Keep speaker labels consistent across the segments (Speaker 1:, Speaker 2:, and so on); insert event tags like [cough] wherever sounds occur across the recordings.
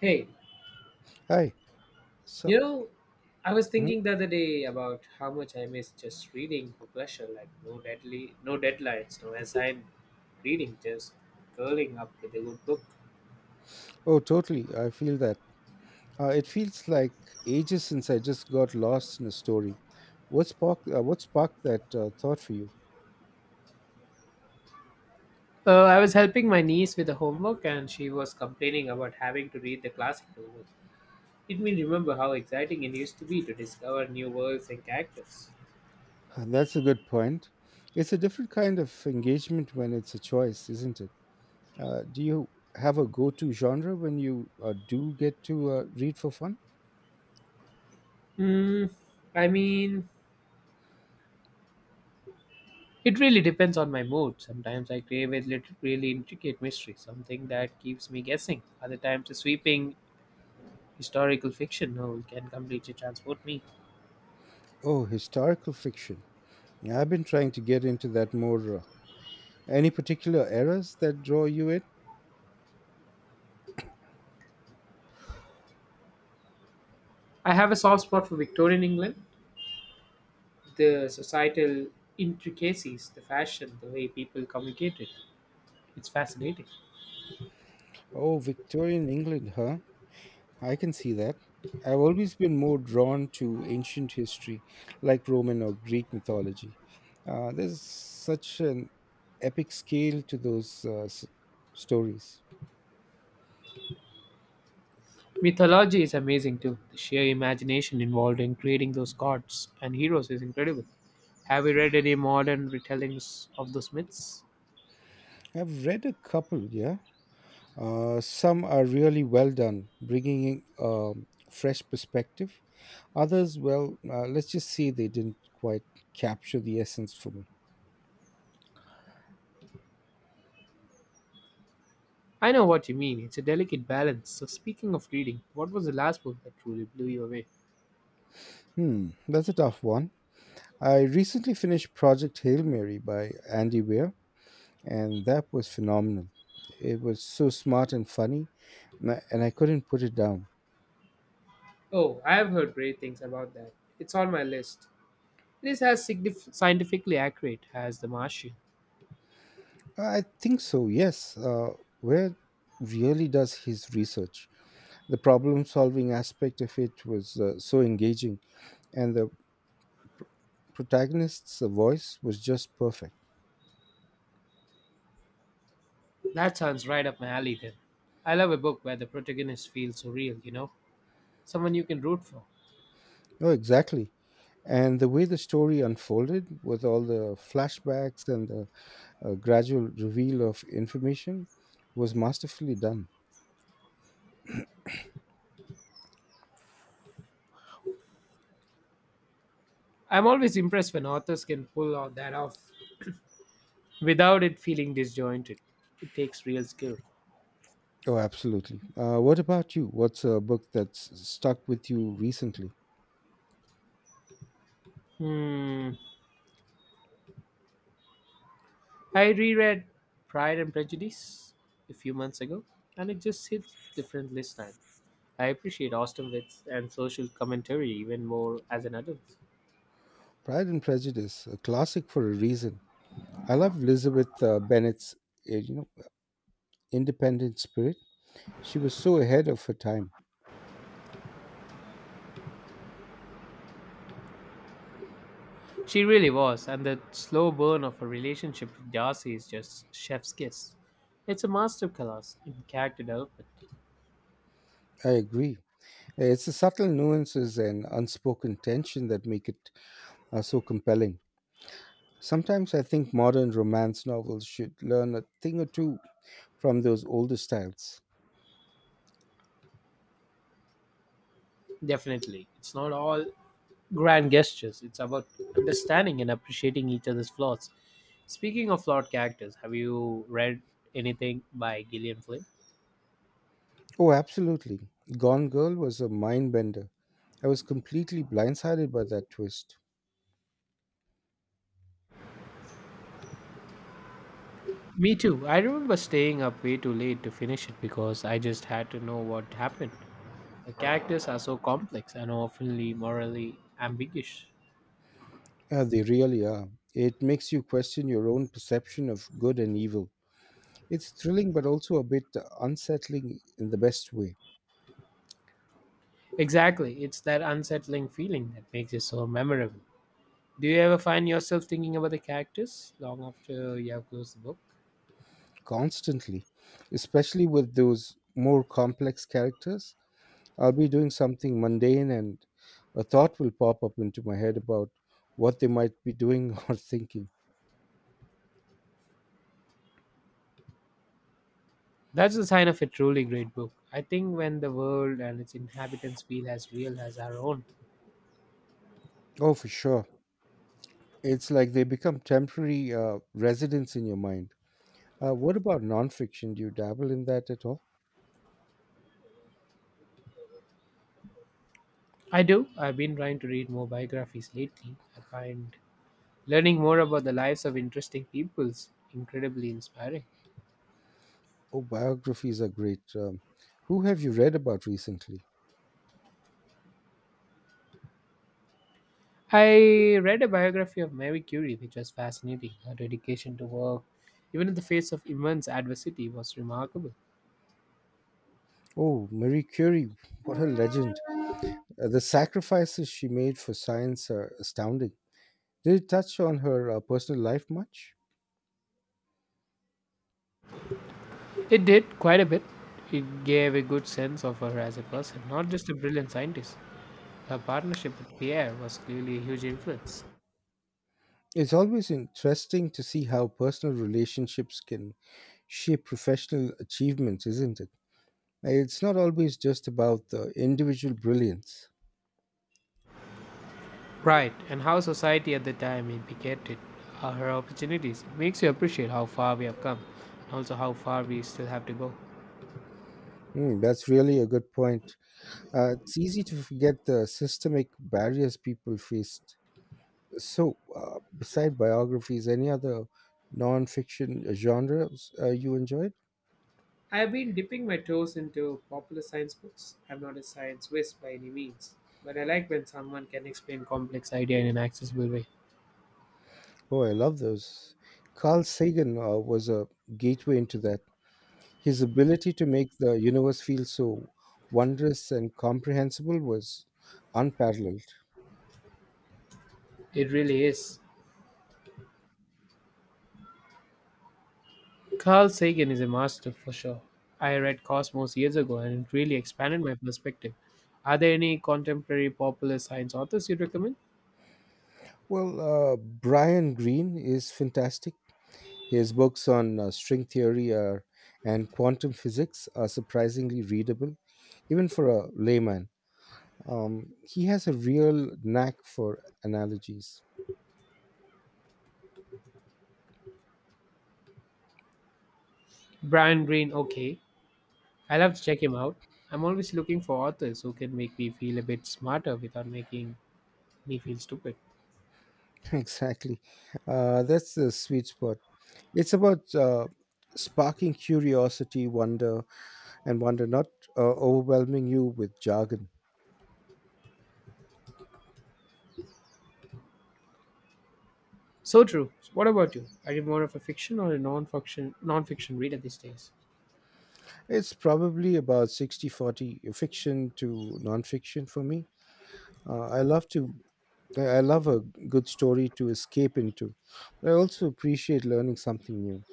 Speaker 1: Hey,
Speaker 2: Hi. So,
Speaker 1: you know, I was
Speaker 2: mhm.
Speaker 1: thinking the other day about how much I miss just reading for pleasure, like no deadly, no deadlines, no assigned reading, just curling up with a good book.
Speaker 2: Oh, totally. I feel that. It feels like ages since I just got lost in a story. What sparked that thought for you?
Speaker 1: I was helping my niece with the homework, and she was complaining about having to read the classic novels. It made me remember how exciting it used to be to discover new worlds and characters.
Speaker 2: [laughs] That's a good point. It's a different kind of engagement when it's a choice, isn't it? Do you have a go to genre when you do get to read for fun?
Speaker 1: Hmm. I mean, it really depends on my mood. Sometimes I crave a little really intricate mystery, something that keeps me guessing. Other times, a sweeping historical fiction novel can completely transport me.
Speaker 2: Oh, historical fiction. Yeah, I've been trying to get into that more. Any particular eras that draw you in?
Speaker 1: I have a soft spot for Victorian England, the societal intricacies, the fashion, the way people communicated. It's fascinating.
Speaker 2: Oh, Victorian England, huh? I can see that. I've always been more drawn to ancient history, like Roman or Greek mythology. There's such an epic scale to those stories.
Speaker 1: Mythology is amazing too. The sheer imagination involved in creating those gods and heroes is incredible. Have you read any modern retellings of those myths?
Speaker 2: I've read a couple, yeah. Some are really well done, bringing in fresh perspective. Others, well, let's just say they didn't quite capture the essence for me.
Speaker 1: I know what you mean. It's a delicate balance. So, speaking of reading, what was the last book that truly blew you away?
Speaker 2: Hmm, that's a tough one. I recently finished Project Hail Mary by Andy Weir, and that was phenomenal. It was so smart and funny, and I couldn't put it down.
Speaker 1: Oh, I have heard great things about that. It's on my list. It is as scientifically accurate as The Martian.
Speaker 2: I think so, yes. Where really does his research? The problem solving aspect of it was so engaging, and the protagonist's voice was just perfect.
Speaker 1: That sounds right up my alley then. I love a book where the protagonist feels so real, you know? Someone you can root for.
Speaker 2: Oh, exactly. And the way the story unfolded with all the flashbacks and the gradual reveal of information was masterfully done.
Speaker 1: I'm always impressed when authors can pull all that off without it feeling disjointed. It takes real skill.
Speaker 2: Oh, absolutely. What about you? What's a book that's stuck with you recently?
Speaker 1: Hmm, I reread Pride and Prejudice a few months ago, and it just hits different this time. I appreciate Austen wits and social commentary even more as an adult.
Speaker 2: Pride and Prejudice, a classic for a reason. I love Elizabeth Bennet's, uh, you know, independent spirit. She was so ahead of her time.
Speaker 1: She really was, and the slow burn of her relationship with Darcy is just chef's kiss. It's a masterclass in character development.
Speaker 2: I agree. It's the subtle nuances and unspoken tension that make it so compelling. Sometimes I think modern romance novels should learn a thing or two from those older styles.
Speaker 1: Definitely. It's not all grand gestures, it's about understanding and appreciating each other's flaws. Speaking of flawed characters, have you read anything by Gillian Flynn?
Speaker 2: Oh, absolutely. Gone Girl was a mind bender. I was completely blindsided by that twist.
Speaker 1: Me too. I remember staying up way too late to finish it because I just had to know what happened. The characters are so complex and often morally ambiguous.
Speaker 2: Yeah, they really are. It makes you question your own perception of good and evil. It's thrilling, but also a bit unsettling in the best way,
Speaker 1: Exactly. It's that unsettling feeling that makes it so memorable. Do you ever find yourself thinking about the characters long after you have closed the book?
Speaker 2: constantly, especially with those more complex characters. I'll be doing something mundane, and a thought will pop up into my head about what they might be doing [laughs] or thinking.
Speaker 1: That's the sign of a truly great book. I think when the world and its inhabitants feel as real as our own.
Speaker 2: Oh, for sure. It's like they become temporary residents in your mind. What about nonfiction? Do you dabble in that at all?
Speaker 1: I do. I've been trying to read more biographies lately. I find learning more about the lives of interesting people's incredibly inspiring.
Speaker 2: Oh, biographies are great. Who have you read about recently?
Speaker 1: I read a biography of Mary Curie, which was fascinating. Her dedication to work, even in the face of immense adversity, was remarkable.
Speaker 2: Oh, Marie Curie, what a legend. The sacrifices she made for science are astounding. Did it touch on her personal life much?
Speaker 1: It did quite a bit. It gave a good sense of her as a person, not just a brilliant scientist. Her partnership with Pierre was clearly a huge influence.
Speaker 2: It's always interesting to see how personal relationships can shape professional achievements, isn't it? It's not always just about the individual brilliance.
Speaker 1: Right, and how society at the time indicated her opportunities. It makes you appreciate how far we have come, and also how far we still have to go.
Speaker 2: Mm, that's really a good point. It's easy to forget the systemic barriers people faced. So, beside biographies, any other non-fiction genres you enjoyed?
Speaker 1: I've been dipping my toes into popular science books. I'm not a science whiz by any means, but I like when someone can explain complex idea in an accessible way.
Speaker 2: Oh, I love those. Carl Sagan was a gateway into that. His ability to make the universe feel so wondrous and comprehensible was unparalleled.
Speaker 1: It really is. Carl Sagan is a master for sure. I read Cosmos years ago and it really expanded my perspective. Are there any contemporary popular science authors you'd recommend?
Speaker 2: Well, Brian Greene is fantastic. His books on string theory are, and quantum physics are surprisingly readable, even for a layman. He has a real knack for analogies.
Speaker 1: Brian Greene, okay. I'll have to check him out. I'm always looking for authors who can make me feel a bit smarter without making me feel stupid.
Speaker 2: [laughs] Exactly. That's the sweet spot. It's about sparking curiosity, wonder, and wonder, not overwhelming you with jargon.
Speaker 1: So true. What about you? Are you more of a fiction or a non-fiction reader these days?
Speaker 2: It's probably about 60/40 fiction to nonfiction for me. Uh, I love to I love a good story to escape into. I also appreciate learning something new.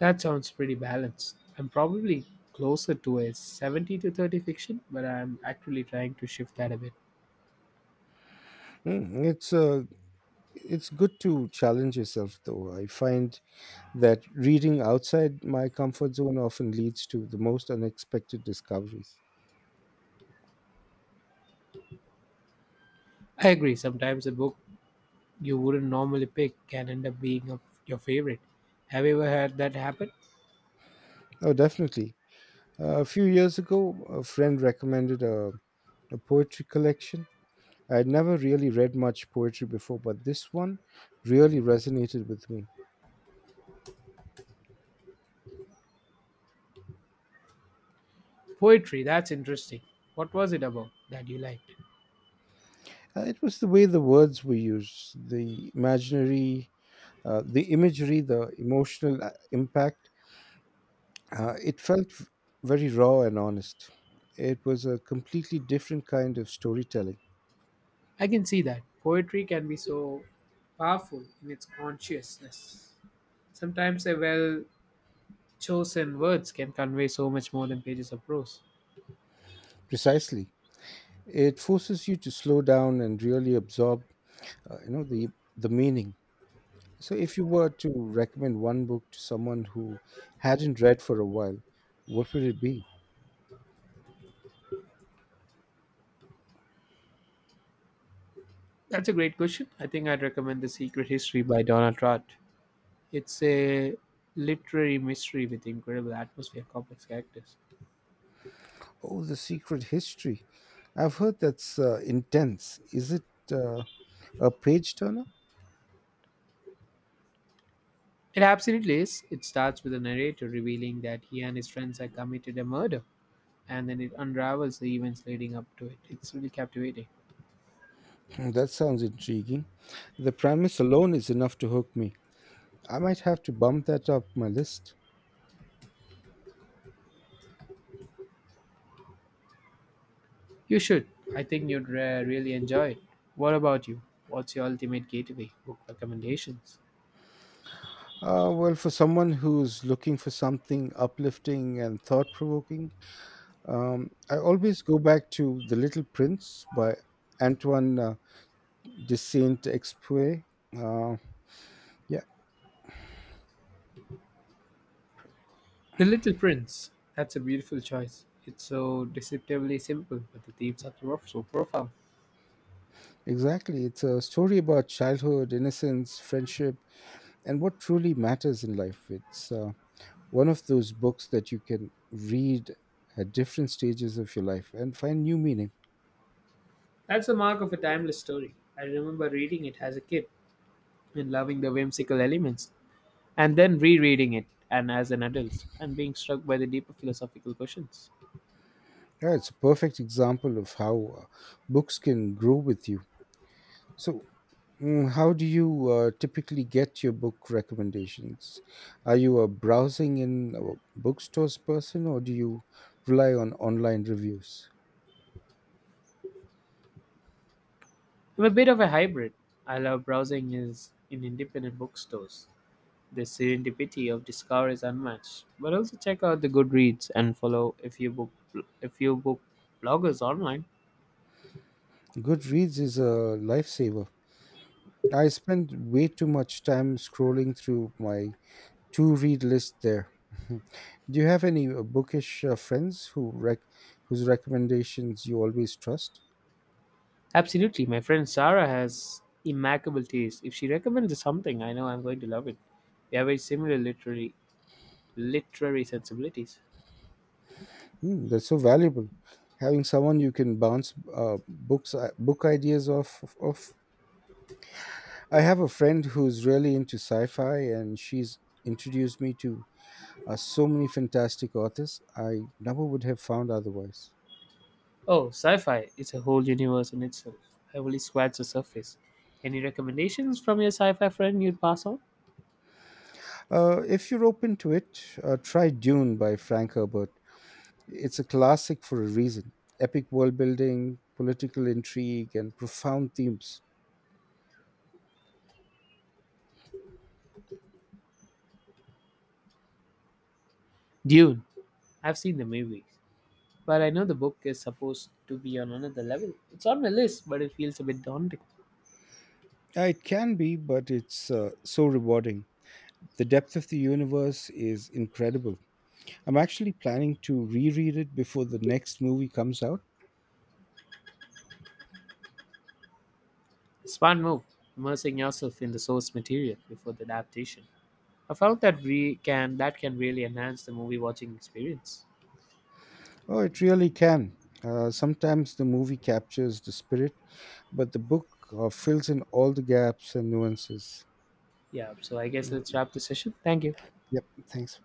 Speaker 1: That sounds pretty balanced. I'm probably closer to a 70 to 30 fiction, but I'm actually trying to shift that a bit.
Speaker 2: Mm, it's good to challenge yourself, though. I find that reading outside my comfort zone often leads to the most unexpected discoveries.
Speaker 1: I agree. Sometimes a book you wouldn't normally pick can end up being your favorite. Have you ever had that happen?
Speaker 2: Oh, definitely. A few years ago, a friend recommended a poetry collection. I had never really read much poetry before, but this one really resonated with me.
Speaker 1: Poetry, that's interesting. What was it about that you liked?
Speaker 2: It was the way the words were used, the imaginary The imagery, the emotional impact, it felt very raw and honest. It was a completely different kind of storytelling.
Speaker 1: I can see that. Poetry can be so powerful in its consciousness. Sometimes a well chosen words can convey so much more than pages of prose.
Speaker 2: Precisely, it forces you to slow down and really absorb, uh, you know, the the meaning. So, if you were to recommend one book to someone who hadn't read for a while, what would it be?
Speaker 1: That's a great question. I think I'd recommend The Secret History by Donald Trott. It's a literary mystery with incredible atmosphere, complex characters.
Speaker 2: Oh, The Secret History. I've heard that's intense. Is it uh, a page turner?
Speaker 1: It absolutely is. It starts with a narrator revealing that he and his friends have committed a murder, and then it unravels the events leading up to it. It's really captivating.
Speaker 2: [clears throat] Mm, that sounds intriguing. The premise alone is enough to hook me. I might have to bump that up my list.
Speaker 1: You should. I think you'd really enjoy it. What about you? What's your ultimate gateway book recommendations?
Speaker 2: Well, for someone who's looking for something uplifting and thought provoking, I always go back to The Little Prince by Antoine de Saint Exupéry. Uh, yeah,
Speaker 1: The Little Prince. That's a beautiful choice. It's so deceptively simple, but the themes are so profound.
Speaker 2: exactly. It's a story about childhood, innocence, friendship, and what truly matters in life. It's One of those books that you can read at different stages of your life and find new meaning.
Speaker 1: That's the mark of a timeless story. I remember reading it as a kid and loving the whimsical elements, and then rereading it and as an adult and being struck by the deeper philosophical questions.
Speaker 2: Yeah, it's a perfect example of how books can grow with you. So, mm, how do you typically get your book recommendations? Are you a browsing in bookstores person or do you rely on online reviews?
Speaker 1: I'm a bit of a hybrid. I love browsing is in independent bookstores. The serendipity of discovery is unmatched. But also check out the Goodreads and follow a few book bloggers online.
Speaker 2: Goodreads is a lifesaver. I spend way too much time scrolling through my to read list there. [laughs] Do you have any bookish friends whose recommendations you always trust?
Speaker 1: Absolutely. My friend Sarah has immaculate taste. If she recommends something, I know I'm going to love it. We have very similar literary sensibilities.
Speaker 2: Mm, that's so valuable. Having someone you can bounce book ideas off of. I have a friend who's really into sci-fi, and she's introduced me to so many fantastic authors I never would have found otherwise.
Speaker 1: Oh, sci-fi. It's a whole universe in itself. I only scratched the surface. Any recommendations from your sci-fi friend you'd pass on?
Speaker 2: If you're open to it, try Dune by Frank Herbert. It's a classic for a reason. Epic world building, political intrigue, and profound themes.
Speaker 1: Dune. I've seen the movies. But I know the book is supposed to be on another level. It's on my list, but it feels a bit daunting.
Speaker 2: It can be, but it's so rewarding. The depth of the universe is incredible. I'm actually planning to reread it before the next movie comes out.
Speaker 1: Smart move, immersing yourself in the source material before the adaptation. I felt that we can that can really enhance the movie watching experience.
Speaker 2: Oh, it really can. Sometimes the movie captures the spirit, but the book fills in all the gaps and nuances.
Speaker 1: Yeah, so I guess
Speaker 2: Mm,
Speaker 1: let's wrap the session. Thank you.
Speaker 2: yep, thanks.